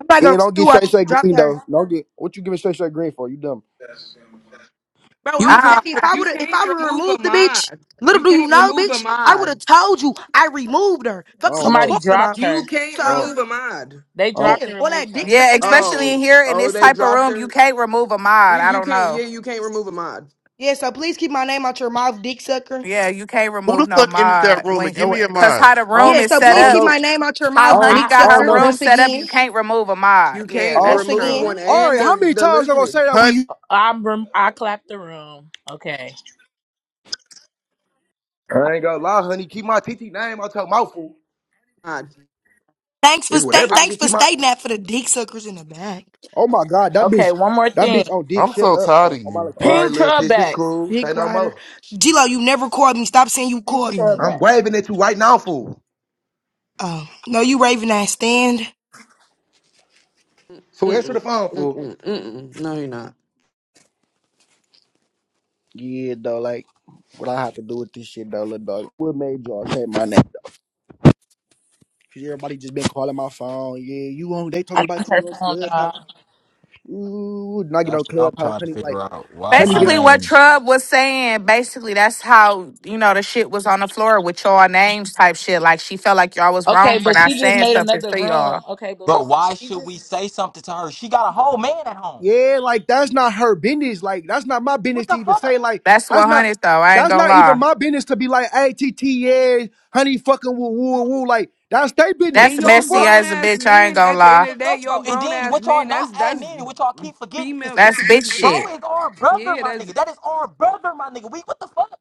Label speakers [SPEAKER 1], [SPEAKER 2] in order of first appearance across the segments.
[SPEAKER 1] I'm not
[SPEAKER 2] Yeah,
[SPEAKER 1] gonna say
[SPEAKER 2] don't get
[SPEAKER 1] who I
[SPEAKER 2] straight
[SPEAKER 1] think
[SPEAKER 2] straight
[SPEAKER 1] dropped
[SPEAKER 2] green
[SPEAKER 1] her.
[SPEAKER 2] though. Don't get what you giving straight straight green for? You dumb.
[SPEAKER 1] Bro,
[SPEAKER 3] You
[SPEAKER 1] I'm
[SPEAKER 3] can't
[SPEAKER 4] I,
[SPEAKER 1] fatty. If
[SPEAKER 4] I,
[SPEAKER 1] I
[SPEAKER 3] you
[SPEAKER 1] would have if
[SPEAKER 3] can't
[SPEAKER 1] I would have
[SPEAKER 3] remove a
[SPEAKER 1] removed the bitch,
[SPEAKER 3] mod.
[SPEAKER 1] little
[SPEAKER 3] You
[SPEAKER 1] do you
[SPEAKER 3] can't
[SPEAKER 1] know,
[SPEAKER 3] remove a
[SPEAKER 1] bitch, I would
[SPEAKER 3] mod.
[SPEAKER 1] have told you I removed her.
[SPEAKER 2] I
[SPEAKER 1] Fuck is
[SPEAKER 2] don't
[SPEAKER 1] you
[SPEAKER 5] Somebody
[SPEAKER 2] know.
[SPEAKER 1] talking about?
[SPEAKER 5] dropped her.
[SPEAKER 3] You can't
[SPEAKER 2] I
[SPEAKER 1] So
[SPEAKER 2] don't.
[SPEAKER 3] remove a mod.
[SPEAKER 5] They
[SPEAKER 2] I don't.
[SPEAKER 5] dropped
[SPEAKER 1] yeah,
[SPEAKER 5] and
[SPEAKER 1] all
[SPEAKER 5] removed
[SPEAKER 1] that dick
[SPEAKER 5] her.
[SPEAKER 4] yeah,
[SPEAKER 1] sucking ass
[SPEAKER 4] especially
[SPEAKER 1] shit.
[SPEAKER 4] in
[SPEAKER 3] Oh,
[SPEAKER 4] here in
[SPEAKER 3] oh,
[SPEAKER 4] this
[SPEAKER 3] they
[SPEAKER 4] type of
[SPEAKER 3] dropped
[SPEAKER 4] room, you
[SPEAKER 3] her.
[SPEAKER 4] can't remove a
[SPEAKER 3] You,
[SPEAKER 4] mod. I
[SPEAKER 3] you
[SPEAKER 4] don't
[SPEAKER 3] can't.
[SPEAKER 4] know.
[SPEAKER 3] Yeah, you can't remove a mod.
[SPEAKER 1] Yeah, so please keep my name out your mouth, dick sucker.
[SPEAKER 4] Yeah, you can't
[SPEAKER 6] Who the
[SPEAKER 4] remove no
[SPEAKER 6] fuck entered that
[SPEAKER 4] mod
[SPEAKER 6] room and
[SPEAKER 4] when
[SPEAKER 6] give me a
[SPEAKER 4] because
[SPEAKER 6] mind?
[SPEAKER 4] how the
[SPEAKER 2] I don't,
[SPEAKER 4] room
[SPEAKER 1] Yeah,
[SPEAKER 4] is
[SPEAKER 1] so
[SPEAKER 2] I
[SPEAKER 4] set
[SPEAKER 1] please
[SPEAKER 2] don't
[SPEAKER 4] up,
[SPEAKER 1] keep
[SPEAKER 2] know.
[SPEAKER 1] my name out your
[SPEAKER 2] I
[SPEAKER 4] how
[SPEAKER 1] mouth,
[SPEAKER 2] don't.
[SPEAKER 4] Honey
[SPEAKER 5] I
[SPEAKER 1] dick
[SPEAKER 2] I
[SPEAKER 4] got
[SPEAKER 2] don't
[SPEAKER 4] her
[SPEAKER 1] sucker.
[SPEAKER 2] know.
[SPEAKER 4] room
[SPEAKER 2] I
[SPEAKER 1] Once
[SPEAKER 4] set up, you
[SPEAKER 1] again.
[SPEAKER 4] can't remove a mod.
[SPEAKER 3] You
[SPEAKER 4] Yeah,
[SPEAKER 3] can't
[SPEAKER 2] don't.
[SPEAKER 1] Once
[SPEAKER 4] that's
[SPEAKER 3] remove
[SPEAKER 4] true.
[SPEAKER 1] again.
[SPEAKER 3] one
[SPEAKER 2] Oh,
[SPEAKER 3] and the the listening
[SPEAKER 6] Honey,
[SPEAKER 5] I'm rem- I clapped the room. Okay.
[SPEAKER 7] I ain't gonna lie, honey. Keep my TT name out your mouth, fool.
[SPEAKER 3] mod.
[SPEAKER 1] Thanks for
[SPEAKER 7] It's
[SPEAKER 1] stay
[SPEAKER 7] whatever,
[SPEAKER 5] I-
[SPEAKER 1] thanks
[SPEAKER 7] nigga.
[SPEAKER 1] for
[SPEAKER 7] Keep my.
[SPEAKER 1] stating that for the dick suckers in the back.
[SPEAKER 2] Oh my god, that
[SPEAKER 5] okay.
[SPEAKER 2] bitch.
[SPEAKER 5] One more
[SPEAKER 2] That
[SPEAKER 5] thing.
[SPEAKER 2] bitch on dick.
[SPEAKER 6] I'm
[SPEAKER 2] Shut
[SPEAKER 6] so
[SPEAKER 2] up
[SPEAKER 6] tired
[SPEAKER 2] on,
[SPEAKER 6] of
[SPEAKER 2] on my
[SPEAKER 6] you.
[SPEAKER 2] little
[SPEAKER 7] All
[SPEAKER 2] cousin.
[SPEAKER 7] right,
[SPEAKER 5] Ping
[SPEAKER 7] little
[SPEAKER 5] her
[SPEAKER 7] sis, it's
[SPEAKER 5] back.
[SPEAKER 7] cool. Say
[SPEAKER 1] Dick
[SPEAKER 7] no
[SPEAKER 1] rider.
[SPEAKER 7] more.
[SPEAKER 1] G-Lo, you never called me. Stop saying you
[SPEAKER 5] Ping
[SPEAKER 1] called
[SPEAKER 5] her
[SPEAKER 1] me.
[SPEAKER 7] I'm
[SPEAKER 5] back.
[SPEAKER 7] waving at you right now, fool.
[SPEAKER 1] Oh. No, you raving ass stand.
[SPEAKER 7] Fool, answer
[SPEAKER 3] Mm-mm,
[SPEAKER 7] the phone, fool.
[SPEAKER 3] mm-mm, mm-mm. No, you're not.
[SPEAKER 2] Yeah, though. Like what I have to do with this shit though, little dog. What made y'all say my name? Though? Cause everybody just been calling my phone. Yeah, you on? They talk
[SPEAKER 5] I
[SPEAKER 2] about
[SPEAKER 5] think her
[SPEAKER 2] you on
[SPEAKER 5] phone died.
[SPEAKER 2] clubhouse. Ooh, not get
[SPEAKER 8] That's
[SPEAKER 2] on
[SPEAKER 8] what I'm
[SPEAKER 2] clubhouse,
[SPEAKER 8] trying to
[SPEAKER 2] honey.
[SPEAKER 8] figure
[SPEAKER 2] Like,
[SPEAKER 8] out. Why
[SPEAKER 2] honey,
[SPEAKER 8] my
[SPEAKER 2] get
[SPEAKER 4] Basically,
[SPEAKER 2] on.
[SPEAKER 4] what
[SPEAKER 8] name?
[SPEAKER 4] Trub was saying, basically that's how you know the shit was on the floor with y'all names type shit. Like she felt like y'all was
[SPEAKER 5] Okay,
[SPEAKER 4] wrong for
[SPEAKER 5] but
[SPEAKER 4] not
[SPEAKER 5] she just
[SPEAKER 4] saying
[SPEAKER 5] made
[SPEAKER 4] something
[SPEAKER 5] another
[SPEAKER 4] to
[SPEAKER 5] room.
[SPEAKER 4] y'all.
[SPEAKER 5] Okay, but
[SPEAKER 8] Bro,
[SPEAKER 5] listen,
[SPEAKER 8] why
[SPEAKER 5] she
[SPEAKER 8] should we
[SPEAKER 5] just
[SPEAKER 8] say something to her? She got a whole man at home.
[SPEAKER 2] Yeah, like that's not her business. Like that's not my business
[SPEAKER 8] What
[SPEAKER 2] to
[SPEAKER 8] the
[SPEAKER 2] even
[SPEAKER 8] fuck?
[SPEAKER 2] say. Like
[SPEAKER 4] That's
[SPEAKER 2] that's
[SPEAKER 4] one
[SPEAKER 2] not
[SPEAKER 4] hundred though. I ain't
[SPEAKER 2] that's
[SPEAKER 4] gonna
[SPEAKER 2] not even
[SPEAKER 4] lie.
[SPEAKER 2] my business to be like, hey, TT, yeah, honey, fucking woo woo woo. Like that's their business.
[SPEAKER 3] And
[SPEAKER 4] That's
[SPEAKER 2] What the
[SPEAKER 3] y'all
[SPEAKER 4] messy
[SPEAKER 2] fuck?
[SPEAKER 3] grown
[SPEAKER 4] as a
[SPEAKER 3] ass
[SPEAKER 4] bitch. I ain't
[SPEAKER 3] men.
[SPEAKER 4] gonna
[SPEAKER 3] At the end
[SPEAKER 8] What
[SPEAKER 4] lie.
[SPEAKER 3] of
[SPEAKER 8] the
[SPEAKER 3] the day,
[SPEAKER 8] fuck,
[SPEAKER 3] y'all
[SPEAKER 8] bro? And
[SPEAKER 3] grown
[SPEAKER 8] then
[SPEAKER 3] ass
[SPEAKER 8] what y'all
[SPEAKER 3] men.
[SPEAKER 8] not
[SPEAKER 3] That's
[SPEAKER 8] adding
[SPEAKER 3] that's
[SPEAKER 8] in, what y'all keep forgetting is,
[SPEAKER 3] female dick
[SPEAKER 4] That's
[SPEAKER 3] and
[SPEAKER 4] bitch
[SPEAKER 3] pussy shit.
[SPEAKER 8] bro,
[SPEAKER 4] shit.
[SPEAKER 8] is our brother,
[SPEAKER 3] Yeah,
[SPEAKER 8] my
[SPEAKER 3] that's
[SPEAKER 8] nigga. That is our brother, my nigga. We what the fuck?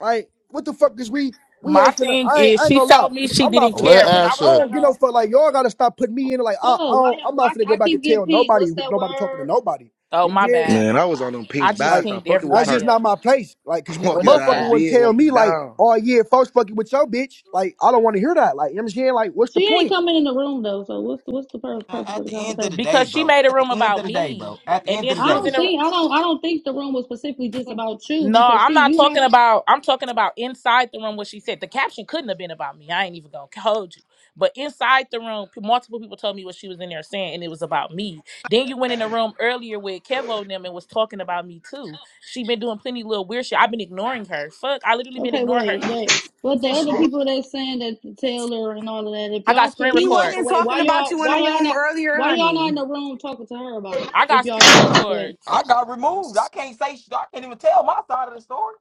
[SPEAKER 2] Like what the fuck is we we
[SPEAKER 5] my
[SPEAKER 2] ain't finna.
[SPEAKER 5] thing
[SPEAKER 2] I ain't,
[SPEAKER 5] is
[SPEAKER 2] I ain't
[SPEAKER 5] she
[SPEAKER 2] gonna lie.
[SPEAKER 5] told me she
[SPEAKER 2] I'm not
[SPEAKER 5] didn't
[SPEAKER 2] finna.
[SPEAKER 6] Let
[SPEAKER 5] care when I
[SPEAKER 6] Ash
[SPEAKER 2] I
[SPEAKER 5] was in the
[SPEAKER 6] up.
[SPEAKER 2] don't get no
[SPEAKER 5] room.
[SPEAKER 2] fuck. Like y'all gotta stop putting me in. Like I, I
[SPEAKER 9] Oh, why?
[SPEAKER 2] don't,
[SPEAKER 9] y'all-
[SPEAKER 2] I'm not
[SPEAKER 9] Why
[SPEAKER 2] finna go
[SPEAKER 9] I
[SPEAKER 2] back and
[SPEAKER 9] keep getting
[SPEAKER 2] tell
[SPEAKER 9] pinged?
[SPEAKER 2] nobody.
[SPEAKER 9] What's
[SPEAKER 2] who-
[SPEAKER 9] that
[SPEAKER 2] Nobody talking to
[SPEAKER 9] word?
[SPEAKER 2] nobody.
[SPEAKER 5] Oh
[SPEAKER 2] You know what
[SPEAKER 5] my
[SPEAKER 2] I'm saying?
[SPEAKER 5] bad.
[SPEAKER 7] Man, I was
[SPEAKER 5] I,
[SPEAKER 7] on them
[SPEAKER 5] I
[SPEAKER 7] pinks
[SPEAKER 5] just
[SPEAKER 7] by.
[SPEAKER 2] Like
[SPEAKER 7] Stop
[SPEAKER 5] pinged
[SPEAKER 7] fucking with
[SPEAKER 2] that's just
[SPEAKER 5] everybody
[SPEAKER 7] Perk.
[SPEAKER 5] up.
[SPEAKER 2] not my place. Like, cause a
[SPEAKER 7] Walk
[SPEAKER 5] What
[SPEAKER 7] his
[SPEAKER 5] up,
[SPEAKER 2] motherfucker
[SPEAKER 7] eyes
[SPEAKER 2] wouldn't
[SPEAKER 7] in,
[SPEAKER 5] Ash?
[SPEAKER 2] tell
[SPEAKER 7] walk
[SPEAKER 2] me
[SPEAKER 7] him
[SPEAKER 2] like,
[SPEAKER 7] down.
[SPEAKER 2] oh yeah, folks fucking with your bitch. Like, I don't want to hear that. Like, you know what I'm saying? Like, what's the
[SPEAKER 9] She ain't
[SPEAKER 2] point?
[SPEAKER 9] coming in the room though. So what's the, what's the pur-
[SPEAKER 8] Man,
[SPEAKER 9] purpose of
[SPEAKER 8] at
[SPEAKER 9] the
[SPEAKER 8] the end of the
[SPEAKER 9] conversation?
[SPEAKER 8] day,
[SPEAKER 5] Because she
[SPEAKER 8] bro.
[SPEAKER 5] made a
[SPEAKER 8] At the
[SPEAKER 5] room
[SPEAKER 8] end
[SPEAKER 5] about
[SPEAKER 8] of the day,
[SPEAKER 5] me,
[SPEAKER 8] bro. At the
[SPEAKER 5] and
[SPEAKER 8] end
[SPEAKER 5] then
[SPEAKER 8] of the
[SPEAKER 9] I
[SPEAKER 5] she
[SPEAKER 8] day,
[SPEAKER 5] was
[SPEAKER 9] don't
[SPEAKER 5] in a
[SPEAKER 9] think I don't I don't think the room was specifically just about you
[SPEAKER 5] No,
[SPEAKER 9] because
[SPEAKER 5] I'm
[SPEAKER 9] see
[SPEAKER 5] not
[SPEAKER 9] you not
[SPEAKER 5] talking about. I'm talking about inside the room. What she said. The caption couldn't have been about me. I ain't even gonna hold you. But inside the room, p- multiple people told me what she was in there saying, and it was about me. Then you went in the room earlier with Kevo and them and was talking about me too. She been doing plenty of little weird shit. I've been ignoring her. Fuck, I literally been
[SPEAKER 9] okay.
[SPEAKER 5] ignoring her
[SPEAKER 9] Wait, wait. But the
[SPEAKER 5] since
[SPEAKER 9] other
[SPEAKER 5] she.
[SPEAKER 9] people that's saying that Taylor and all of that, if
[SPEAKER 5] I got
[SPEAKER 9] y'all
[SPEAKER 5] screen
[SPEAKER 9] feel
[SPEAKER 10] He
[SPEAKER 9] any
[SPEAKER 5] record.
[SPEAKER 9] type of
[SPEAKER 10] wasn't
[SPEAKER 9] way,
[SPEAKER 10] talking
[SPEAKER 9] why
[SPEAKER 10] about
[SPEAKER 9] y'all
[SPEAKER 10] you in the
[SPEAKER 9] why y'all
[SPEAKER 10] room
[SPEAKER 9] not
[SPEAKER 10] earlier,
[SPEAKER 9] why y'all not in
[SPEAKER 10] honey.
[SPEAKER 9] the room talking to her about it?
[SPEAKER 5] I
[SPEAKER 9] If
[SPEAKER 5] got
[SPEAKER 9] y'all
[SPEAKER 5] screen
[SPEAKER 9] feel some type of way.
[SPEAKER 5] record.
[SPEAKER 8] I got removed. I can't say. shit. I can't even tell my side of the story.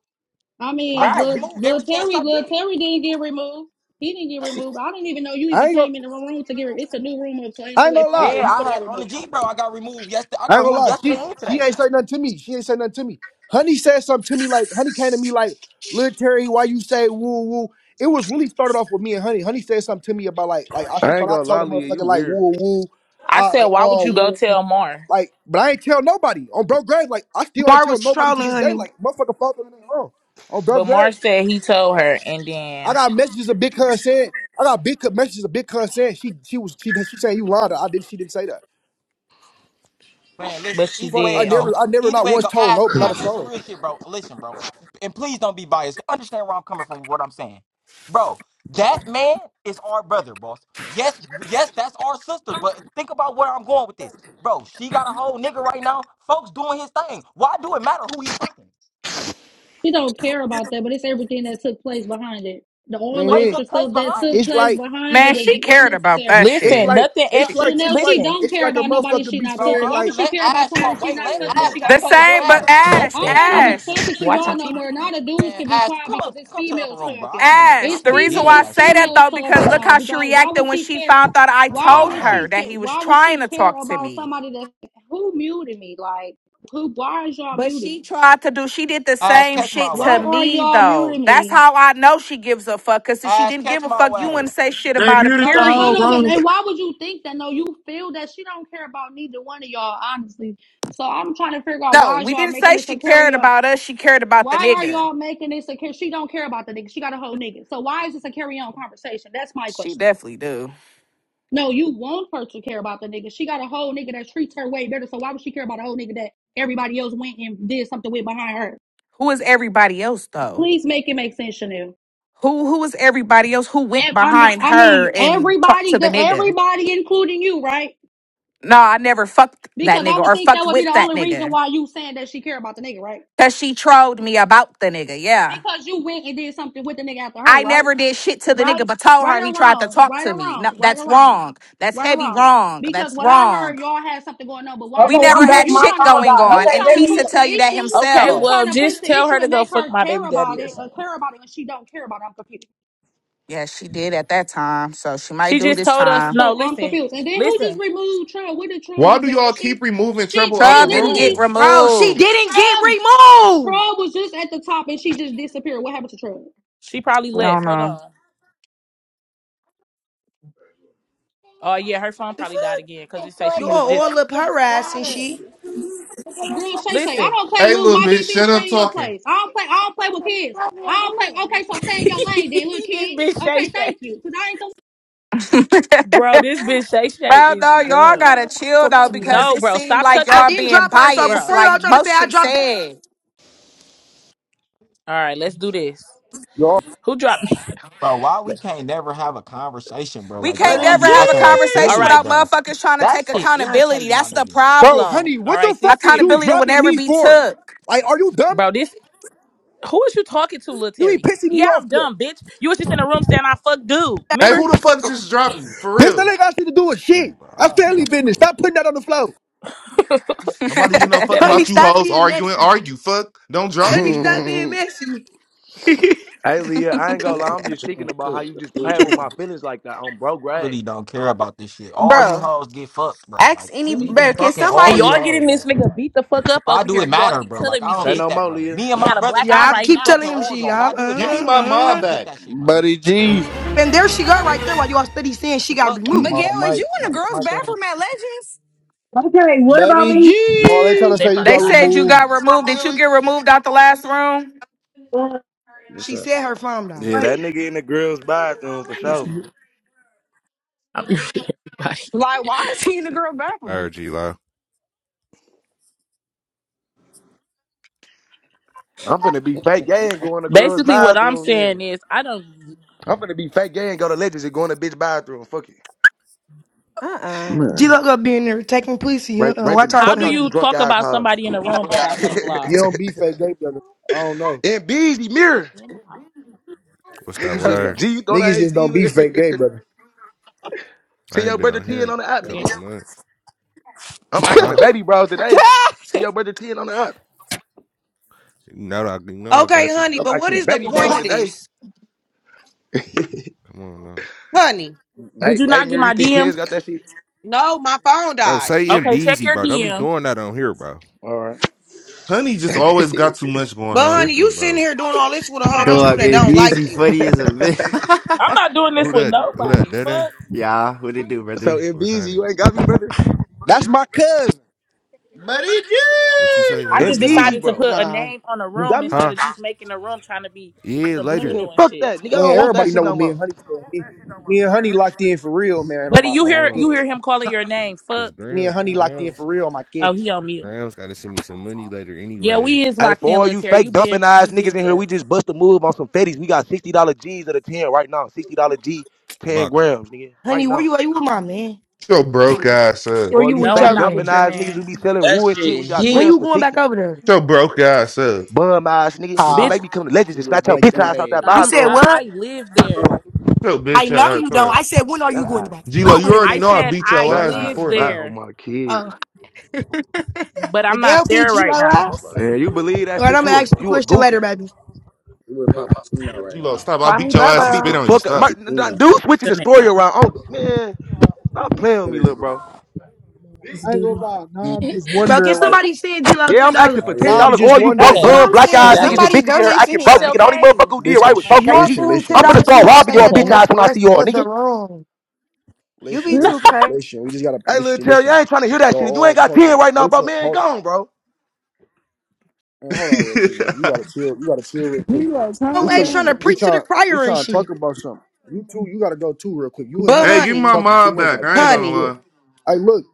[SPEAKER 9] I
[SPEAKER 8] I
[SPEAKER 9] mean,
[SPEAKER 8] get
[SPEAKER 5] Right.
[SPEAKER 9] little,
[SPEAKER 8] removed
[SPEAKER 9] little
[SPEAKER 8] every chance
[SPEAKER 9] Terry,
[SPEAKER 8] I
[SPEAKER 9] little
[SPEAKER 8] get.
[SPEAKER 9] Terry didn't get removed. He didn't get removed. I didn't even know you
[SPEAKER 2] I
[SPEAKER 9] even
[SPEAKER 2] ain't gonna,
[SPEAKER 9] came in the room to get removed. It's a new room up, so ain't
[SPEAKER 2] I
[SPEAKER 9] no
[SPEAKER 2] ain't
[SPEAKER 9] way
[SPEAKER 2] gonna lie.
[SPEAKER 9] possible
[SPEAKER 8] Yeah,
[SPEAKER 9] you could
[SPEAKER 8] I
[SPEAKER 9] have
[SPEAKER 8] had
[SPEAKER 9] got
[SPEAKER 8] on the
[SPEAKER 9] removed.
[SPEAKER 8] G, bro. I got removed yesterday. I
[SPEAKER 2] I
[SPEAKER 8] got
[SPEAKER 2] ain't gonna
[SPEAKER 8] removed
[SPEAKER 2] lie. She
[SPEAKER 8] yesterday and
[SPEAKER 2] she
[SPEAKER 8] today.
[SPEAKER 2] ain't say nothing to me. She ain't say nothing to me. Honey said something to me like Honey came to me like, "Lil Terry, why you say woo woo?" It was really started off with me and Honey. Honey said something to me about like like I- she
[SPEAKER 7] I ain't
[SPEAKER 2] thought I
[SPEAKER 7] gonna
[SPEAKER 2] told
[SPEAKER 7] lie,
[SPEAKER 2] a
[SPEAKER 7] Leah, you
[SPEAKER 2] motherfucker like
[SPEAKER 7] weird.
[SPEAKER 2] woo woo,
[SPEAKER 5] I
[SPEAKER 2] I
[SPEAKER 5] said,
[SPEAKER 2] like
[SPEAKER 5] why would
[SPEAKER 2] oh
[SPEAKER 5] you go
[SPEAKER 2] woo woo.
[SPEAKER 5] tell Mar?
[SPEAKER 2] Like, but I ain't tell nobody on bro grade. Like, I still ain't
[SPEAKER 1] Bar
[SPEAKER 2] tell
[SPEAKER 1] was
[SPEAKER 2] nobody to
[SPEAKER 1] trolling,
[SPEAKER 2] this day.
[SPEAKER 1] honey.
[SPEAKER 2] Like, motherfucker, fuck everything wrong on bro
[SPEAKER 5] But Mar
[SPEAKER 2] grade.
[SPEAKER 5] said he told her, and
[SPEAKER 2] I
[SPEAKER 5] then,
[SPEAKER 2] got messages of big cuz saying I got big Cuz- messages of big cuz saying she she was she she saying you lied. I didn't. She didn't say that.
[SPEAKER 8] Man,
[SPEAKER 5] but
[SPEAKER 8] listen.
[SPEAKER 5] she
[SPEAKER 8] Either
[SPEAKER 2] Fuck,
[SPEAKER 8] way
[SPEAKER 2] I
[SPEAKER 8] it
[SPEAKER 5] did.
[SPEAKER 2] never
[SPEAKER 8] go,
[SPEAKER 2] I never
[SPEAKER 8] either
[SPEAKER 2] not
[SPEAKER 8] way it
[SPEAKER 2] once
[SPEAKER 8] go.
[SPEAKER 2] told
[SPEAKER 8] Ash,
[SPEAKER 2] nope not a
[SPEAKER 8] Ash, I'm
[SPEAKER 2] soul.
[SPEAKER 8] some real shit, bro. Listen, bro, I- and please don't be biased. Understand where I'm coming from, what I'm saying, bro. That man is our brother, boss. Yes, yes, that's our sister. But think about where I'm going with this, bro. She got a whole nigga right now. Folks doing his thing. Why do it matter who he fucking?
[SPEAKER 9] We don't care about that, but it's everything that took place behind it. The
[SPEAKER 2] I
[SPEAKER 9] all
[SPEAKER 2] mean,
[SPEAKER 9] the
[SPEAKER 8] What
[SPEAKER 2] it,
[SPEAKER 9] extra
[SPEAKER 8] took place
[SPEAKER 9] stuff that
[SPEAKER 8] behind
[SPEAKER 9] took
[SPEAKER 8] it,
[SPEAKER 2] it's
[SPEAKER 9] place
[SPEAKER 2] like,
[SPEAKER 9] behind it
[SPEAKER 4] Man,
[SPEAKER 9] was
[SPEAKER 4] she cared about
[SPEAKER 9] unnecessary.
[SPEAKER 4] that
[SPEAKER 2] it's
[SPEAKER 4] shit.
[SPEAKER 5] Listen,
[SPEAKER 2] like,
[SPEAKER 5] nothing
[SPEAKER 9] No,
[SPEAKER 2] it's
[SPEAKER 4] She,
[SPEAKER 5] extra.
[SPEAKER 2] like,
[SPEAKER 9] Chanel,
[SPEAKER 2] it's like,
[SPEAKER 9] she
[SPEAKER 5] listen,
[SPEAKER 9] don't
[SPEAKER 2] it's
[SPEAKER 9] care
[SPEAKER 2] like a
[SPEAKER 9] about nobody
[SPEAKER 2] motherfucker
[SPEAKER 9] she
[SPEAKER 2] be
[SPEAKER 9] not
[SPEAKER 8] bro?
[SPEAKER 9] touching.
[SPEAKER 2] saying
[SPEAKER 9] Why
[SPEAKER 8] I'm
[SPEAKER 9] would
[SPEAKER 8] to
[SPEAKER 2] like,
[SPEAKER 9] she
[SPEAKER 8] let
[SPEAKER 9] care about
[SPEAKER 8] Ash
[SPEAKER 9] somebody
[SPEAKER 8] talk.
[SPEAKER 9] she
[SPEAKER 8] Wait,
[SPEAKER 9] not
[SPEAKER 8] let
[SPEAKER 9] touching if
[SPEAKER 8] Ash
[SPEAKER 9] she
[SPEAKER 8] talk.
[SPEAKER 9] got
[SPEAKER 8] I'm
[SPEAKER 4] the
[SPEAKER 9] a whole
[SPEAKER 8] talking to
[SPEAKER 4] same, but
[SPEAKER 9] boyfriend?
[SPEAKER 8] Ash, bro.
[SPEAKER 4] Ash,
[SPEAKER 9] I'm
[SPEAKER 5] nothing.
[SPEAKER 9] not
[SPEAKER 5] I'm
[SPEAKER 9] even
[SPEAKER 4] Ash,
[SPEAKER 9] talking to y'all
[SPEAKER 5] watching TV.
[SPEAKER 9] no more. Now the dudes
[SPEAKER 8] Man,
[SPEAKER 9] can be
[SPEAKER 8] Ash,
[SPEAKER 9] quiet
[SPEAKER 8] come
[SPEAKER 9] because
[SPEAKER 8] up,
[SPEAKER 9] it's
[SPEAKER 8] come to the upper
[SPEAKER 9] females
[SPEAKER 8] room, bro. I
[SPEAKER 9] talking.
[SPEAKER 8] can't, I
[SPEAKER 4] Ash.
[SPEAKER 9] It's
[SPEAKER 4] The
[SPEAKER 8] can't
[SPEAKER 4] reason
[SPEAKER 9] female.
[SPEAKER 8] deal
[SPEAKER 4] why
[SPEAKER 8] with
[SPEAKER 4] I
[SPEAKER 9] It's
[SPEAKER 8] that
[SPEAKER 4] say
[SPEAKER 8] shit,
[SPEAKER 4] that
[SPEAKER 8] bro.
[SPEAKER 9] females
[SPEAKER 4] though, because
[SPEAKER 9] talking
[SPEAKER 4] look
[SPEAKER 9] now.
[SPEAKER 4] how
[SPEAKER 9] Be
[SPEAKER 4] she
[SPEAKER 9] like, why
[SPEAKER 4] reacted
[SPEAKER 9] would
[SPEAKER 4] when
[SPEAKER 9] she
[SPEAKER 4] she
[SPEAKER 9] care?
[SPEAKER 4] found out I
[SPEAKER 8] Like, bro,
[SPEAKER 9] Why
[SPEAKER 4] told
[SPEAKER 8] I
[SPEAKER 9] would
[SPEAKER 4] her
[SPEAKER 9] she
[SPEAKER 8] don't.
[SPEAKER 4] that
[SPEAKER 9] care?
[SPEAKER 4] he was
[SPEAKER 9] Why would
[SPEAKER 4] trying
[SPEAKER 9] she
[SPEAKER 4] to
[SPEAKER 9] care
[SPEAKER 4] talk to
[SPEAKER 9] about
[SPEAKER 4] me.
[SPEAKER 9] somebody that who muted me? Like, who? Why is y'all
[SPEAKER 4] But
[SPEAKER 9] muting
[SPEAKER 4] she
[SPEAKER 9] me?
[SPEAKER 4] tried to do, she did the
[SPEAKER 8] Eyes
[SPEAKER 4] same
[SPEAKER 8] catch my
[SPEAKER 4] shit
[SPEAKER 9] Why
[SPEAKER 4] to
[SPEAKER 8] way.
[SPEAKER 9] are
[SPEAKER 4] me
[SPEAKER 9] y'all
[SPEAKER 4] though.
[SPEAKER 9] muting
[SPEAKER 4] That's
[SPEAKER 9] me?
[SPEAKER 4] how I know she gives a fuck, because if she
[SPEAKER 8] Eyes
[SPEAKER 4] didn't give
[SPEAKER 8] catch
[SPEAKER 4] a
[SPEAKER 8] my
[SPEAKER 4] fuck, you
[SPEAKER 8] way.
[SPEAKER 4] wouldn't say shit
[SPEAKER 11] They
[SPEAKER 4] about it,
[SPEAKER 11] muted
[SPEAKER 9] All
[SPEAKER 11] the
[SPEAKER 9] right, hold
[SPEAKER 11] whole
[SPEAKER 4] period.
[SPEAKER 9] on.
[SPEAKER 11] room.
[SPEAKER 9] and why would you think that? No, you feel that she don't care about neither one of y'all, honestly. So I'm trying to figure out
[SPEAKER 4] No,
[SPEAKER 9] why is
[SPEAKER 4] we
[SPEAKER 9] y'all
[SPEAKER 4] didn't
[SPEAKER 9] making
[SPEAKER 4] say
[SPEAKER 9] this a
[SPEAKER 4] she cared
[SPEAKER 9] carry on.
[SPEAKER 4] about us, she cared about the
[SPEAKER 9] Why are
[SPEAKER 4] nigga.
[SPEAKER 9] y'all making this a carry? She don't care about the nigga. She got a whole nigga. So why is this a carry on conversation? That's my
[SPEAKER 4] She
[SPEAKER 9] question.
[SPEAKER 4] definitely do.
[SPEAKER 9] No, you want her to care about the nigga. She got a whole nigga that treats her way better. So why would she care about a whole nigga that everybody else went and did something with behind her?
[SPEAKER 4] Who is everybody else though?
[SPEAKER 9] Please make it make sense, Chanel.
[SPEAKER 4] Who who was everybody else who went
[SPEAKER 9] Ev- I mean,
[SPEAKER 4] behind
[SPEAKER 9] I mean,
[SPEAKER 4] her and talked to
[SPEAKER 9] everybody,
[SPEAKER 4] the nigga?
[SPEAKER 9] everybody, including you, right?
[SPEAKER 4] No, I never fucked that
[SPEAKER 9] Because I
[SPEAKER 4] nigga
[SPEAKER 9] would
[SPEAKER 4] or
[SPEAKER 9] think that
[SPEAKER 4] fucked
[SPEAKER 9] would be
[SPEAKER 4] with
[SPEAKER 9] the
[SPEAKER 4] that
[SPEAKER 9] only reason
[SPEAKER 4] nigga.
[SPEAKER 9] why you saying that she care about the nigga, right?
[SPEAKER 4] Cause she trolled me about the nigga. Yeah.
[SPEAKER 9] Because you went and did something with the nigga after her,
[SPEAKER 4] I
[SPEAKER 9] right?
[SPEAKER 4] never did shit to the nigga,
[SPEAKER 9] Right?
[SPEAKER 4] but told
[SPEAKER 9] Right
[SPEAKER 4] her he
[SPEAKER 9] or
[SPEAKER 4] tried to
[SPEAKER 9] wrong?
[SPEAKER 4] talk
[SPEAKER 9] Right
[SPEAKER 4] to
[SPEAKER 9] or
[SPEAKER 4] me. No,
[SPEAKER 9] wrong? Right
[SPEAKER 4] that's
[SPEAKER 9] or wrong?
[SPEAKER 4] wrong. That's
[SPEAKER 9] Right or
[SPEAKER 4] heavy
[SPEAKER 9] wrong?
[SPEAKER 4] wrong.
[SPEAKER 9] Because
[SPEAKER 4] That's
[SPEAKER 9] what I heard,
[SPEAKER 4] wrong.
[SPEAKER 9] y'all had something going on, but why?
[SPEAKER 4] We
[SPEAKER 12] Okay, I'm
[SPEAKER 4] never
[SPEAKER 9] You
[SPEAKER 12] back.
[SPEAKER 4] had
[SPEAKER 9] you
[SPEAKER 12] My
[SPEAKER 4] shit
[SPEAKER 9] trying to
[SPEAKER 12] phone
[SPEAKER 4] going
[SPEAKER 12] died.
[SPEAKER 4] on.
[SPEAKER 9] you
[SPEAKER 12] Okay,
[SPEAKER 4] And
[SPEAKER 9] trying
[SPEAKER 12] let
[SPEAKER 9] to
[SPEAKER 12] me.
[SPEAKER 4] Keisha
[SPEAKER 9] push the
[SPEAKER 4] tell you that
[SPEAKER 9] issue?
[SPEAKER 5] Okay,
[SPEAKER 9] You
[SPEAKER 4] himself.
[SPEAKER 5] well,
[SPEAKER 9] trying to push
[SPEAKER 5] just
[SPEAKER 9] the
[SPEAKER 5] tell
[SPEAKER 9] issue
[SPEAKER 5] her to
[SPEAKER 9] and
[SPEAKER 5] go
[SPEAKER 9] make
[SPEAKER 5] fuck
[SPEAKER 9] her
[SPEAKER 5] my
[SPEAKER 9] care
[SPEAKER 5] baby
[SPEAKER 9] about
[SPEAKER 5] daddy or
[SPEAKER 9] it or
[SPEAKER 5] something.
[SPEAKER 9] care about it when she don't care about it? I'm confused.
[SPEAKER 4] Yeah, she did at that time. So she might
[SPEAKER 5] She
[SPEAKER 4] do
[SPEAKER 5] just
[SPEAKER 4] this
[SPEAKER 5] told us.
[SPEAKER 4] time.
[SPEAKER 5] No,
[SPEAKER 9] So I'm
[SPEAKER 5] listen,
[SPEAKER 9] confused. And then who just
[SPEAKER 5] listen.
[SPEAKER 9] removed Trump? What did Trump
[SPEAKER 6] Why do
[SPEAKER 9] deserve?
[SPEAKER 6] y'all
[SPEAKER 9] Because
[SPEAKER 6] keep
[SPEAKER 9] she
[SPEAKER 6] removing
[SPEAKER 9] she
[SPEAKER 6] trouble out
[SPEAKER 9] they
[SPEAKER 6] the
[SPEAKER 4] Trub didn't get
[SPEAKER 9] literally
[SPEAKER 6] room?
[SPEAKER 1] Bro, she
[SPEAKER 4] removed.
[SPEAKER 1] didn't get
[SPEAKER 9] Trump
[SPEAKER 1] removed.
[SPEAKER 9] Troll was just at the top and she just disappeared. What happened to Troll?
[SPEAKER 5] She probably
[SPEAKER 4] We
[SPEAKER 5] left.
[SPEAKER 4] don't
[SPEAKER 5] Hold
[SPEAKER 4] know.
[SPEAKER 5] on. Oh yeah, her phone
[SPEAKER 1] The fuck?
[SPEAKER 5] probably died again because it say
[SPEAKER 8] Bro,
[SPEAKER 1] You
[SPEAKER 5] she was
[SPEAKER 1] all
[SPEAKER 5] just.
[SPEAKER 1] all up her ass and she.
[SPEAKER 9] Girl, Shay Shay, I
[SPEAKER 5] Listen,
[SPEAKER 9] don't play
[SPEAKER 6] Hey,
[SPEAKER 9] little
[SPEAKER 6] little
[SPEAKER 9] YB
[SPEAKER 6] bitch,
[SPEAKER 9] bitch.
[SPEAKER 6] shut
[SPEAKER 9] Stay
[SPEAKER 6] up
[SPEAKER 9] in your
[SPEAKER 6] talking.
[SPEAKER 9] place. I don't play. I don't play with kids. I don't play. Okay, so
[SPEAKER 5] this
[SPEAKER 9] stay in your lane, then, little kid.
[SPEAKER 5] bitch Shay
[SPEAKER 9] Okay, thank
[SPEAKER 5] Shay,
[SPEAKER 9] you, cause I ain't the
[SPEAKER 5] bro. This bitch Shay Shay
[SPEAKER 4] Bro,
[SPEAKER 5] is
[SPEAKER 4] though, y'all
[SPEAKER 5] dumb.
[SPEAKER 4] gotta chill
[SPEAKER 1] Talk
[SPEAKER 4] though
[SPEAKER 1] to me, girl.
[SPEAKER 4] because
[SPEAKER 5] No,
[SPEAKER 4] it
[SPEAKER 5] bro,
[SPEAKER 4] seemed
[SPEAKER 5] stop
[SPEAKER 4] like
[SPEAKER 5] touching,
[SPEAKER 1] I
[SPEAKER 4] y'all
[SPEAKER 1] didn't
[SPEAKER 4] being
[SPEAKER 1] drop her, so
[SPEAKER 5] bro.
[SPEAKER 4] biased,
[SPEAKER 5] All
[SPEAKER 1] before
[SPEAKER 4] like
[SPEAKER 1] y'all try to say
[SPEAKER 4] most
[SPEAKER 1] I
[SPEAKER 4] shit
[SPEAKER 1] dropped
[SPEAKER 4] said.
[SPEAKER 5] right, let's do this.
[SPEAKER 2] "Yo,
[SPEAKER 5] Who dropped me?
[SPEAKER 8] why we can't never have a conversation, bro?
[SPEAKER 4] We
[SPEAKER 8] Like
[SPEAKER 4] can't
[SPEAKER 8] y'all
[SPEAKER 4] never
[SPEAKER 8] be
[SPEAKER 4] have a
[SPEAKER 8] acting like
[SPEAKER 5] All
[SPEAKER 4] conversation
[SPEAKER 8] kids,
[SPEAKER 5] right,
[SPEAKER 4] without
[SPEAKER 8] bro.
[SPEAKER 4] motherfuckers trying to
[SPEAKER 8] That
[SPEAKER 4] take
[SPEAKER 8] shit
[SPEAKER 4] accountability.
[SPEAKER 8] irritate my
[SPEAKER 4] That's the
[SPEAKER 8] nigga.
[SPEAKER 2] bro,
[SPEAKER 4] problem.
[SPEAKER 2] honey,
[SPEAKER 5] all
[SPEAKER 2] what
[SPEAKER 5] right.
[SPEAKER 2] the
[SPEAKER 5] This
[SPEAKER 2] fuck is
[SPEAKER 5] it,
[SPEAKER 2] you
[SPEAKER 4] Accountability will
[SPEAKER 2] dropping
[SPEAKER 4] never
[SPEAKER 2] me
[SPEAKER 4] be
[SPEAKER 2] for?
[SPEAKER 4] took.
[SPEAKER 2] Like, are you dumb?
[SPEAKER 5] bro. This Who is you talking to, Lil
[SPEAKER 2] You ain't
[SPEAKER 5] Terry?
[SPEAKER 2] pissing me
[SPEAKER 5] Yeah,
[SPEAKER 2] off,
[SPEAKER 5] I'm
[SPEAKER 2] cuz.
[SPEAKER 5] dumb, bitch. You was just in a room saying I fuck dude.
[SPEAKER 6] Hey,
[SPEAKER 5] Remember?
[SPEAKER 6] who the fuck just dropped me? For
[SPEAKER 2] This that
[SPEAKER 6] real.
[SPEAKER 2] ain't got shit to do with
[SPEAKER 8] Man,
[SPEAKER 2] shit.
[SPEAKER 8] bro,
[SPEAKER 2] That's
[SPEAKER 8] I,
[SPEAKER 2] family
[SPEAKER 8] I'm
[SPEAKER 2] business.
[SPEAKER 8] cool.
[SPEAKER 2] Stop putting that on the floor.
[SPEAKER 6] Nobody give no fuck
[SPEAKER 5] that
[SPEAKER 1] her, Honey,
[SPEAKER 5] ain't.
[SPEAKER 6] about you
[SPEAKER 1] stop
[SPEAKER 6] hoes
[SPEAKER 1] being
[SPEAKER 6] arguing.
[SPEAKER 1] messy.
[SPEAKER 6] Argue, fuck. Don't drop
[SPEAKER 1] Honey,
[SPEAKER 6] me.
[SPEAKER 1] stop being
[SPEAKER 7] hey,
[SPEAKER 1] messy.
[SPEAKER 7] Leah, I ain't gonna lie. I'm
[SPEAKER 5] Motherfucking
[SPEAKER 7] just
[SPEAKER 5] John
[SPEAKER 7] thinking about how
[SPEAKER 5] Cook.
[SPEAKER 7] you
[SPEAKER 5] That's
[SPEAKER 7] just
[SPEAKER 5] what
[SPEAKER 7] play with
[SPEAKER 5] John
[SPEAKER 7] my
[SPEAKER 5] did.
[SPEAKER 7] feelings like that on bro
[SPEAKER 8] I
[SPEAKER 7] grade.
[SPEAKER 8] really don't care about this shit. All you
[SPEAKER 13] Bro,
[SPEAKER 8] hoes get fucked, bro.
[SPEAKER 13] ask
[SPEAKER 8] Like
[SPEAKER 13] any
[SPEAKER 8] we be
[SPEAKER 13] bro. Can
[SPEAKER 8] fucking
[SPEAKER 5] And
[SPEAKER 8] all
[SPEAKER 13] somebody?
[SPEAKER 8] you
[SPEAKER 5] y'all getting
[SPEAKER 8] hoes.
[SPEAKER 5] this
[SPEAKER 8] Like.
[SPEAKER 5] nigga beat the fuck up
[SPEAKER 8] Why
[SPEAKER 5] over
[SPEAKER 8] do it
[SPEAKER 5] here. Y'all
[SPEAKER 8] matter,
[SPEAKER 5] keep
[SPEAKER 8] bro? Like
[SPEAKER 5] telling me
[SPEAKER 8] I don't
[SPEAKER 7] Say
[SPEAKER 5] shit.
[SPEAKER 8] get
[SPEAKER 7] no
[SPEAKER 8] that,
[SPEAKER 7] more,
[SPEAKER 8] bro.
[SPEAKER 7] Leah.
[SPEAKER 8] Me and
[SPEAKER 5] He
[SPEAKER 8] my
[SPEAKER 5] got a black
[SPEAKER 8] brothers
[SPEAKER 5] eye
[SPEAKER 1] yeah, I
[SPEAKER 8] literally
[SPEAKER 5] right
[SPEAKER 8] be
[SPEAKER 1] keep
[SPEAKER 5] now.
[SPEAKER 8] fucking
[SPEAKER 1] telling him
[SPEAKER 5] Fuck.
[SPEAKER 8] all
[SPEAKER 1] she,
[SPEAKER 8] y'all. Why do it
[SPEAKER 6] Give me
[SPEAKER 8] matter?
[SPEAKER 1] uh-huh,
[SPEAKER 6] my
[SPEAKER 8] Like I
[SPEAKER 6] mind
[SPEAKER 1] uh-huh.
[SPEAKER 8] don't get that
[SPEAKER 6] back.
[SPEAKER 8] shit, my nigga.
[SPEAKER 5] Buddy G.
[SPEAKER 1] And there she go right there while y'all study saying she
[SPEAKER 8] The
[SPEAKER 1] got
[SPEAKER 8] fuck, my
[SPEAKER 5] Come
[SPEAKER 8] nigga.
[SPEAKER 1] removed.
[SPEAKER 5] on,
[SPEAKER 10] Miguel, is you
[SPEAKER 5] Mike.
[SPEAKER 10] in the
[SPEAKER 5] Mike, the
[SPEAKER 10] girls'
[SPEAKER 5] mic on.
[SPEAKER 10] bathroom at Legends?
[SPEAKER 12] Okay, what about
[SPEAKER 5] Buddy
[SPEAKER 12] me?
[SPEAKER 2] you they trying
[SPEAKER 5] G.
[SPEAKER 2] to
[SPEAKER 5] They
[SPEAKER 2] say you
[SPEAKER 5] probably
[SPEAKER 2] got
[SPEAKER 4] they
[SPEAKER 5] not gonna.
[SPEAKER 4] said you
[SPEAKER 2] removed.
[SPEAKER 4] got removed. Did you
[SPEAKER 6] Silly.
[SPEAKER 4] get removed out the last room?
[SPEAKER 12] Uh,
[SPEAKER 5] What's
[SPEAKER 1] She
[SPEAKER 5] up?
[SPEAKER 1] said her phone died.
[SPEAKER 7] Yeah, that
[SPEAKER 12] wait.
[SPEAKER 7] nigga in the girls' bathroom for sure.
[SPEAKER 5] I'm muting everybody.
[SPEAKER 10] Like, why is he in the girls' bathroom?
[SPEAKER 14] Word, G Lo.
[SPEAKER 7] I'm finna be fake gay and go in the girls'
[SPEAKER 5] Basically, what I'm
[SPEAKER 7] bathroom
[SPEAKER 5] saying
[SPEAKER 7] then.
[SPEAKER 5] is, I don't.
[SPEAKER 7] I'm gonna be fat gay and go to Legends and go in a bitch bathroom. Fuck it.
[SPEAKER 13] Uh uh
[SPEAKER 2] Man,
[SPEAKER 1] G-Lug up being there taking pussy,
[SPEAKER 7] Rape,
[SPEAKER 1] uh-uh,
[SPEAKER 7] raping
[SPEAKER 1] watch
[SPEAKER 7] the
[SPEAKER 1] out
[SPEAKER 5] How
[SPEAKER 1] for
[SPEAKER 7] fuck
[SPEAKER 5] do
[SPEAKER 7] out you
[SPEAKER 5] you
[SPEAKER 1] him.
[SPEAKER 7] drunk
[SPEAKER 5] talk
[SPEAKER 7] ass
[SPEAKER 5] about
[SPEAKER 7] hoes.
[SPEAKER 5] somebody in a room but got them blocked?
[SPEAKER 2] you don't be fake gay, brother. I don't know.
[SPEAKER 7] and Beezy Mirror.
[SPEAKER 14] What's that
[SPEAKER 2] Niggas
[SPEAKER 7] How
[SPEAKER 2] just
[SPEAKER 7] the
[SPEAKER 14] word?
[SPEAKER 2] don't.
[SPEAKER 7] G, you thought
[SPEAKER 2] Niggas
[SPEAKER 7] I ain't
[SPEAKER 2] just don't
[SPEAKER 7] seen
[SPEAKER 2] be fake
[SPEAKER 7] it.
[SPEAKER 2] gay, brother.
[SPEAKER 14] I
[SPEAKER 7] Send
[SPEAKER 14] ain't
[SPEAKER 7] your
[SPEAKER 14] been
[SPEAKER 7] brother
[SPEAKER 14] on here
[SPEAKER 7] 10
[SPEAKER 14] in
[SPEAKER 7] on the app,
[SPEAKER 14] a
[SPEAKER 5] Okay.
[SPEAKER 7] nigga.
[SPEAKER 14] couple months.
[SPEAKER 7] I'm acting the
[SPEAKER 14] Huh?
[SPEAKER 7] baby bros today. Send your brother 10 on the app.
[SPEAKER 14] You know I you know I
[SPEAKER 12] Okay,
[SPEAKER 14] got you.
[SPEAKER 12] honey,
[SPEAKER 7] I'm
[SPEAKER 12] but what
[SPEAKER 7] acting the
[SPEAKER 12] is the
[SPEAKER 7] baby
[SPEAKER 12] point
[SPEAKER 7] bros
[SPEAKER 12] of
[SPEAKER 7] today.
[SPEAKER 12] this,
[SPEAKER 14] Come on now.
[SPEAKER 12] honey?
[SPEAKER 5] Did
[SPEAKER 7] Hey,
[SPEAKER 5] you
[SPEAKER 7] hey,
[SPEAKER 5] not get
[SPEAKER 7] Mirror, you
[SPEAKER 5] my
[SPEAKER 7] think
[SPEAKER 5] DM?
[SPEAKER 7] kids got that shit?
[SPEAKER 12] No, my phone
[SPEAKER 14] Bro,
[SPEAKER 12] died.
[SPEAKER 14] say in
[SPEAKER 5] Okay, check your
[SPEAKER 14] bro. Don't be
[SPEAKER 5] DM.
[SPEAKER 14] doing that on here, bro.
[SPEAKER 7] All right.
[SPEAKER 6] Honey just always got too much
[SPEAKER 14] You
[SPEAKER 6] going
[SPEAKER 12] But
[SPEAKER 6] on.
[SPEAKER 12] honey, you
[SPEAKER 14] tripping,
[SPEAKER 12] sitting
[SPEAKER 14] bro.
[SPEAKER 12] here doing all this with a whole bunch of people
[SPEAKER 15] Dog,
[SPEAKER 12] that
[SPEAKER 15] it be
[SPEAKER 12] don't like
[SPEAKER 15] easy
[SPEAKER 12] you.
[SPEAKER 15] funny as a
[SPEAKER 5] I'm
[SPEAKER 15] bitch.
[SPEAKER 5] not doing this
[SPEAKER 14] Who
[SPEAKER 5] with
[SPEAKER 14] that who
[SPEAKER 5] nobody.
[SPEAKER 14] that Dede?
[SPEAKER 5] Fuck.
[SPEAKER 15] yeah, what it do,
[SPEAKER 7] so,
[SPEAKER 15] brother?
[SPEAKER 7] and
[SPEAKER 14] What's
[SPEAKER 7] Beezy,
[SPEAKER 14] honey?
[SPEAKER 7] you ain't got me, brother?
[SPEAKER 2] That's my cousin.
[SPEAKER 5] But he
[SPEAKER 14] What you say,
[SPEAKER 5] did. I
[SPEAKER 14] uh,
[SPEAKER 5] just
[SPEAKER 7] And
[SPEAKER 14] G
[SPEAKER 12] Oh,
[SPEAKER 7] Beezy,
[SPEAKER 14] Lo?
[SPEAKER 5] decided to
[SPEAKER 7] bro.
[SPEAKER 12] hold
[SPEAKER 5] put a
[SPEAKER 12] on.
[SPEAKER 5] name on a
[SPEAKER 7] You
[SPEAKER 5] room
[SPEAKER 7] got me?
[SPEAKER 5] instead
[SPEAKER 14] Huh?
[SPEAKER 5] of just making a room trying to be
[SPEAKER 14] Yeah, later.
[SPEAKER 7] Man,
[SPEAKER 5] subliminal and
[SPEAKER 7] fuck
[SPEAKER 5] shit.
[SPEAKER 7] that, nigga. I
[SPEAKER 2] Man,
[SPEAKER 7] don't want that
[SPEAKER 2] everybody know
[SPEAKER 7] shit
[SPEAKER 2] what
[SPEAKER 7] no
[SPEAKER 2] me and
[SPEAKER 7] more.
[SPEAKER 2] Honey said. Me, me and Honey locked in for real, man. On
[SPEAKER 5] Buddy,
[SPEAKER 2] my,
[SPEAKER 5] you
[SPEAKER 2] on my
[SPEAKER 5] hear
[SPEAKER 14] No,
[SPEAKER 5] you
[SPEAKER 2] kid.
[SPEAKER 5] hear him calling your
[SPEAKER 14] cause
[SPEAKER 5] name.
[SPEAKER 14] cause
[SPEAKER 5] Fuck.
[SPEAKER 2] Me and
[SPEAKER 14] Grams,
[SPEAKER 2] Honey locked in for
[SPEAKER 14] Grams,
[SPEAKER 2] real on my
[SPEAKER 5] Oh,
[SPEAKER 2] kids.
[SPEAKER 5] he on mute.
[SPEAKER 14] Grams gotta send me some money later
[SPEAKER 5] Yeah, we
[SPEAKER 14] anyways.
[SPEAKER 5] is
[SPEAKER 7] Hey,
[SPEAKER 5] locked
[SPEAKER 7] for
[SPEAKER 5] in,
[SPEAKER 7] all
[SPEAKER 5] little
[SPEAKER 7] you
[SPEAKER 5] Terry. You
[SPEAKER 7] fake
[SPEAKER 5] been
[SPEAKER 7] dumping ass
[SPEAKER 5] you
[SPEAKER 7] niggas
[SPEAKER 5] been
[SPEAKER 7] in here, we
[SPEAKER 5] cussed.
[SPEAKER 7] just bust a move on some fetties. We got sixty dollar G's at a ten right now. Sixty dollar G, ten
[SPEAKER 14] Baka.
[SPEAKER 7] grams, nigga, right
[SPEAKER 1] Honey, where
[SPEAKER 7] now.
[SPEAKER 1] you at? You with my man.
[SPEAKER 6] Shut Your broke ass up.
[SPEAKER 1] Or
[SPEAKER 7] All
[SPEAKER 1] you
[SPEAKER 7] you
[SPEAKER 1] with
[SPEAKER 5] No, I'm
[SPEAKER 1] your
[SPEAKER 7] fake
[SPEAKER 5] not
[SPEAKER 7] dumping
[SPEAKER 5] with
[SPEAKER 1] man?
[SPEAKER 5] your
[SPEAKER 7] ass niggas who
[SPEAKER 5] man.
[SPEAKER 7] be selling
[SPEAKER 16] That
[SPEAKER 7] wood shit,
[SPEAKER 16] shit
[SPEAKER 7] we got
[SPEAKER 16] hit.
[SPEAKER 1] When
[SPEAKER 7] grams
[SPEAKER 1] you
[SPEAKER 7] for
[SPEAKER 1] going back
[SPEAKER 7] sixty.
[SPEAKER 1] over there?
[SPEAKER 6] Shut Your broke ass up.
[SPEAKER 7] Bum ass nigga,
[SPEAKER 5] She with,
[SPEAKER 7] don't
[SPEAKER 2] Ha,
[SPEAKER 5] Bitch,
[SPEAKER 7] make me come to legends
[SPEAKER 5] she
[SPEAKER 7] and
[SPEAKER 5] with
[SPEAKER 7] snatch
[SPEAKER 2] on
[SPEAKER 7] your
[SPEAKER 2] my
[SPEAKER 5] Big
[SPEAKER 7] bitch ass
[SPEAKER 2] kids.
[SPEAKER 7] out
[SPEAKER 5] Daddy.
[SPEAKER 7] that
[SPEAKER 1] You
[SPEAKER 5] I'm
[SPEAKER 1] said
[SPEAKER 7] bathroom,
[SPEAKER 5] I,
[SPEAKER 7] nigga.
[SPEAKER 1] what?
[SPEAKER 5] I live there.
[SPEAKER 6] Shut Your
[SPEAKER 1] I
[SPEAKER 6] bitch
[SPEAKER 1] know you
[SPEAKER 6] ass
[SPEAKER 1] don't.
[SPEAKER 6] up.
[SPEAKER 1] I said, when are
[SPEAKER 7] That
[SPEAKER 1] you going
[SPEAKER 7] ass
[SPEAKER 1] back?
[SPEAKER 6] G-Lo,
[SPEAKER 7] fat,
[SPEAKER 1] Over
[SPEAKER 6] you
[SPEAKER 1] there.
[SPEAKER 6] already
[SPEAKER 5] I
[SPEAKER 1] Oh,
[SPEAKER 6] know I
[SPEAKER 5] said
[SPEAKER 6] beat
[SPEAKER 5] I
[SPEAKER 6] your
[SPEAKER 7] that
[SPEAKER 6] ass
[SPEAKER 7] ass
[SPEAKER 5] live
[SPEAKER 6] before,
[SPEAKER 7] fat
[SPEAKER 6] man.
[SPEAKER 5] there.
[SPEAKER 7] on my kids.
[SPEAKER 1] Lord,
[SPEAKER 5] but I'm not
[SPEAKER 13] Miguel B.
[SPEAKER 5] there
[SPEAKER 13] G.
[SPEAKER 5] right
[SPEAKER 13] Lo
[SPEAKER 5] now.
[SPEAKER 13] House.
[SPEAKER 7] Man, you believe that shit?
[SPEAKER 1] I'm gonna
[SPEAKER 7] You a
[SPEAKER 1] ask you a
[SPEAKER 7] you a
[SPEAKER 1] question later,
[SPEAKER 7] goofy.
[SPEAKER 1] baby.
[SPEAKER 5] You with Papacino right
[SPEAKER 6] G-Lo,
[SPEAKER 5] now.
[SPEAKER 6] stop. I'll
[SPEAKER 13] Call me
[SPEAKER 6] beat your
[SPEAKER 7] I
[SPEAKER 6] ass and
[SPEAKER 7] beat
[SPEAKER 6] spit
[SPEAKER 7] the
[SPEAKER 13] Bobo.
[SPEAKER 6] on you.
[SPEAKER 7] fuck up. My
[SPEAKER 6] Stop.
[SPEAKER 7] n-
[SPEAKER 5] Papacino.
[SPEAKER 7] dude switching the
[SPEAKER 5] Shouldn't it,
[SPEAKER 7] story
[SPEAKER 5] not pop-
[SPEAKER 7] around. Oh man, stop playing with
[SPEAKER 5] What
[SPEAKER 7] me,
[SPEAKER 5] is it?
[SPEAKER 7] little bro.
[SPEAKER 5] It's
[SPEAKER 2] I ain't
[SPEAKER 5] duty.
[SPEAKER 2] gonna lie. Now I'm just
[SPEAKER 1] Bro, can
[SPEAKER 2] wondering, like,
[SPEAKER 1] somebody send G-Lo
[SPEAKER 7] Yeah,
[SPEAKER 1] ten
[SPEAKER 7] I'm asking
[SPEAKER 1] dollars?
[SPEAKER 7] for
[SPEAKER 5] Oh
[SPEAKER 7] ten
[SPEAKER 2] now
[SPEAKER 5] yeah.
[SPEAKER 2] I'm
[SPEAKER 7] dollars.
[SPEAKER 2] just
[SPEAKER 7] All you
[SPEAKER 2] wondering
[SPEAKER 13] That's
[SPEAKER 7] broke
[SPEAKER 13] what
[SPEAKER 5] Okay,
[SPEAKER 7] bum
[SPEAKER 2] since.
[SPEAKER 13] I'm
[SPEAKER 7] black
[SPEAKER 5] you
[SPEAKER 13] saying.
[SPEAKER 7] eyes
[SPEAKER 5] got
[SPEAKER 7] niggas
[SPEAKER 5] it.
[SPEAKER 7] and
[SPEAKER 13] Somebody
[SPEAKER 7] bitches in here
[SPEAKER 13] donate to
[SPEAKER 7] acting
[SPEAKER 5] I
[SPEAKER 7] broke,
[SPEAKER 5] said
[SPEAKER 13] him.
[SPEAKER 7] nigga. The only
[SPEAKER 5] okay.
[SPEAKER 7] motherfucker
[SPEAKER 5] You
[SPEAKER 7] who did
[SPEAKER 2] Listen,
[SPEAKER 7] right
[SPEAKER 5] got
[SPEAKER 7] was
[SPEAKER 5] me.
[SPEAKER 1] If
[SPEAKER 5] You
[SPEAKER 2] shh,
[SPEAKER 1] you all
[SPEAKER 7] 4KT.
[SPEAKER 2] listen,
[SPEAKER 1] send him
[SPEAKER 5] got
[SPEAKER 1] ten
[SPEAKER 2] listen,
[SPEAKER 7] I'm
[SPEAKER 5] me.
[SPEAKER 7] finna
[SPEAKER 2] listen,
[SPEAKER 1] dollars, he
[SPEAKER 7] start
[SPEAKER 1] won't
[SPEAKER 7] robbing
[SPEAKER 1] say
[SPEAKER 7] your bitch
[SPEAKER 1] nothing else
[SPEAKER 5] Okay.
[SPEAKER 7] eyes
[SPEAKER 1] the
[SPEAKER 7] when I
[SPEAKER 1] rest
[SPEAKER 7] see y'all,
[SPEAKER 1] of the
[SPEAKER 7] nigga.
[SPEAKER 1] room.
[SPEAKER 13] You be
[SPEAKER 2] listen,
[SPEAKER 5] No,
[SPEAKER 13] too
[SPEAKER 2] listen,
[SPEAKER 13] crazy.
[SPEAKER 2] listen. We just gotta
[SPEAKER 7] Hey, little
[SPEAKER 2] listen,
[SPEAKER 7] Terry,
[SPEAKER 2] listen.
[SPEAKER 7] I ain't trying to hear that
[SPEAKER 2] Y'all
[SPEAKER 7] shit. If you
[SPEAKER 2] all
[SPEAKER 7] ain't got ten
[SPEAKER 2] talking.
[SPEAKER 7] right now, bro,
[SPEAKER 2] Listen,
[SPEAKER 7] man,
[SPEAKER 2] hold
[SPEAKER 7] gone, bro.
[SPEAKER 2] and hold
[SPEAKER 6] hey,
[SPEAKER 2] on real quick, brother. You gotta chill. You gotta chill real quick.
[SPEAKER 17] Zero,
[SPEAKER 1] No
[SPEAKER 2] We
[SPEAKER 17] calm
[SPEAKER 1] way,
[SPEAKER 2] tryna,
[SPEAKER 1] trying
[SPEAKER 17] down.
[SPEAKER 1] to
[SPEAKER 2] we
[SPEAKER 1] preach to the
[SPEAKER 2] tryna, we
[SPEAKER 1] choir and
[SPEAKER 2] tryna talk
[SPEAKER 1] shit.
[SPEAKER 2] about something. You two, you gotta go too real quick. You and
[SPEAKER 12] But
[SPEAKER 2] him just
[SPEAKER 6] give me my
[SPEAKER 12] honey,
[SPEAKER 2] talking too
[SPEAKER 6] mob
[SPEAKER 2] much.
[SPEAKER 6] back.
[SPEAKER 2] Like,
[SPEAKER 6] I
[SPEAKER 2] I
[SPEAKER 6] ain't
[SPEAKER 2] gotta
[SPEAKER 6] gonna
[SPEAKER 12] honey,
[SPEAKER 2] chill.
[SPEAKER 6] lie.
[SPEAKER 2] Hey, look,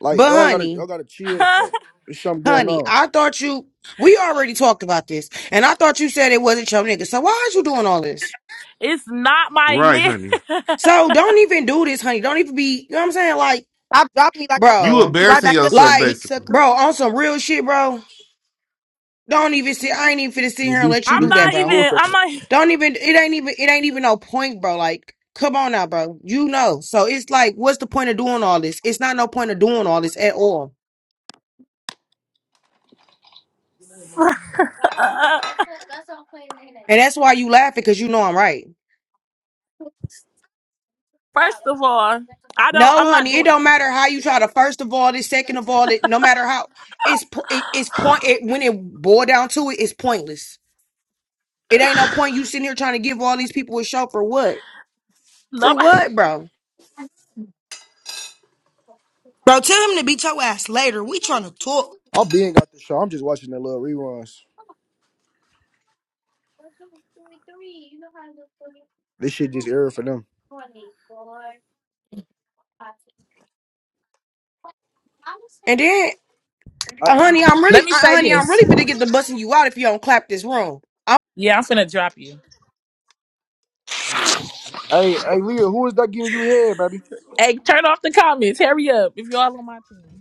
[SPEAKER 2] like
[SPEAKER 12] but
[SPEAKER 2] y'all gotta,
[SPEAKER 12] honey,
[SPEAKER 2] y'all gotta chill. Bro. There's something going
[SPEAKER 12] honey,
[SPEAKER 2] on.
[SPEAKER 12] I thought you. We already talked about this, and I thought you said it wasn't your nigga. So why is you doing all this?
[SPEAKER 5] it's not my
[SPEAKER 6] Right,
[SPEAKER 5] name.
[SPEAKER 6] honey.
[SPEAKER 12] So don't even do this, honey. Don't even be. You know what I'm saying? Like,
[SPEAKER 1] Stop dropping me like I'm not
[SPEAKER 6] You
[SPEAKER 12] bro.
[SPEAKER 1] gonna be right
[SPEAKER 6] embarrassing
[SPEAKER 1] back up there,
[SPEAKER 6] yourself,
[SPEAKER 1] dick
[SPEAKER 12] Like,
[SPEAKER 6] basically.
[SPEAKER 1] sucker.
[SPEAKER 12] bro, on some real shit, bro. Don't even sit. I ain't even finna sit here
[SPEAKER 2] Just be,
[SPEAKER 12] and let you
[SPEAKER 5] I'm
[SPEAKER 2] be,
[SPEAKER 12] do
[SPEAKER 2] be
[SPEAKER 12] that,
[SPEAKER 5] not
[SPEAKER 12] bro.
[SPEAKER 5] even.
[SPEAKER 2] smooth.
[SPEAKER 5] I'm
[SPEAKER 12] Don't even. It ain't even. It ain't even no point, bro. Like, come on now, bro. You know. So it's like, what's the point of doing all this? It's not no point of doing all this at all.
[SPEAKER 5] not.
[SPEAKER 12] And that's why you laughing because you know I'm right.
[SPEAKER 5] First of all, I don't. I'm
[SPEAKER 12] No,
[SPEAKER 5] not
[SPEAKER 12] honey, it
[SPEAKER 5] doing.
[SPEAKER 12] don't matter how you try to. First of all, this. Second of all, it. No matter how. It's po- it, it's point. It, when it boil down to it, it's pointless. It ain't no point you sitting here trying to give all these people a show for what. For
[SPEAKER 5] Nobody.
[SPEAKER 12] what, bro?
[SPEAKER 1] Bro, tell him to beat your ass later. We trying to talk.
[SPEAKER 2] I'm being out the show. I'm just watching the little reruns. This shit just error for them.
[SPEAKER 12] And then,
[SPEAKER 2] Hey,
[SPEAKER 12] uh, honey, I'm really,
[SPEAKER 5] Let me
[SPEAKER 12] uh,
[SPEAKER 5] say
[SPEAKER 12] honey, I'm
[SPEAKER 5] this.
[SPEAKER 12] really finna get the busting you out if you don't clap this room.
[SPEAKER 5] Yeah, I'm finna drop you.
[SPEAKER 2] hey, hey, Leah, who is that giving you head, baby?
[SPEAKER 5] Hey, turn off the comments. Hurry up. If you all on my team.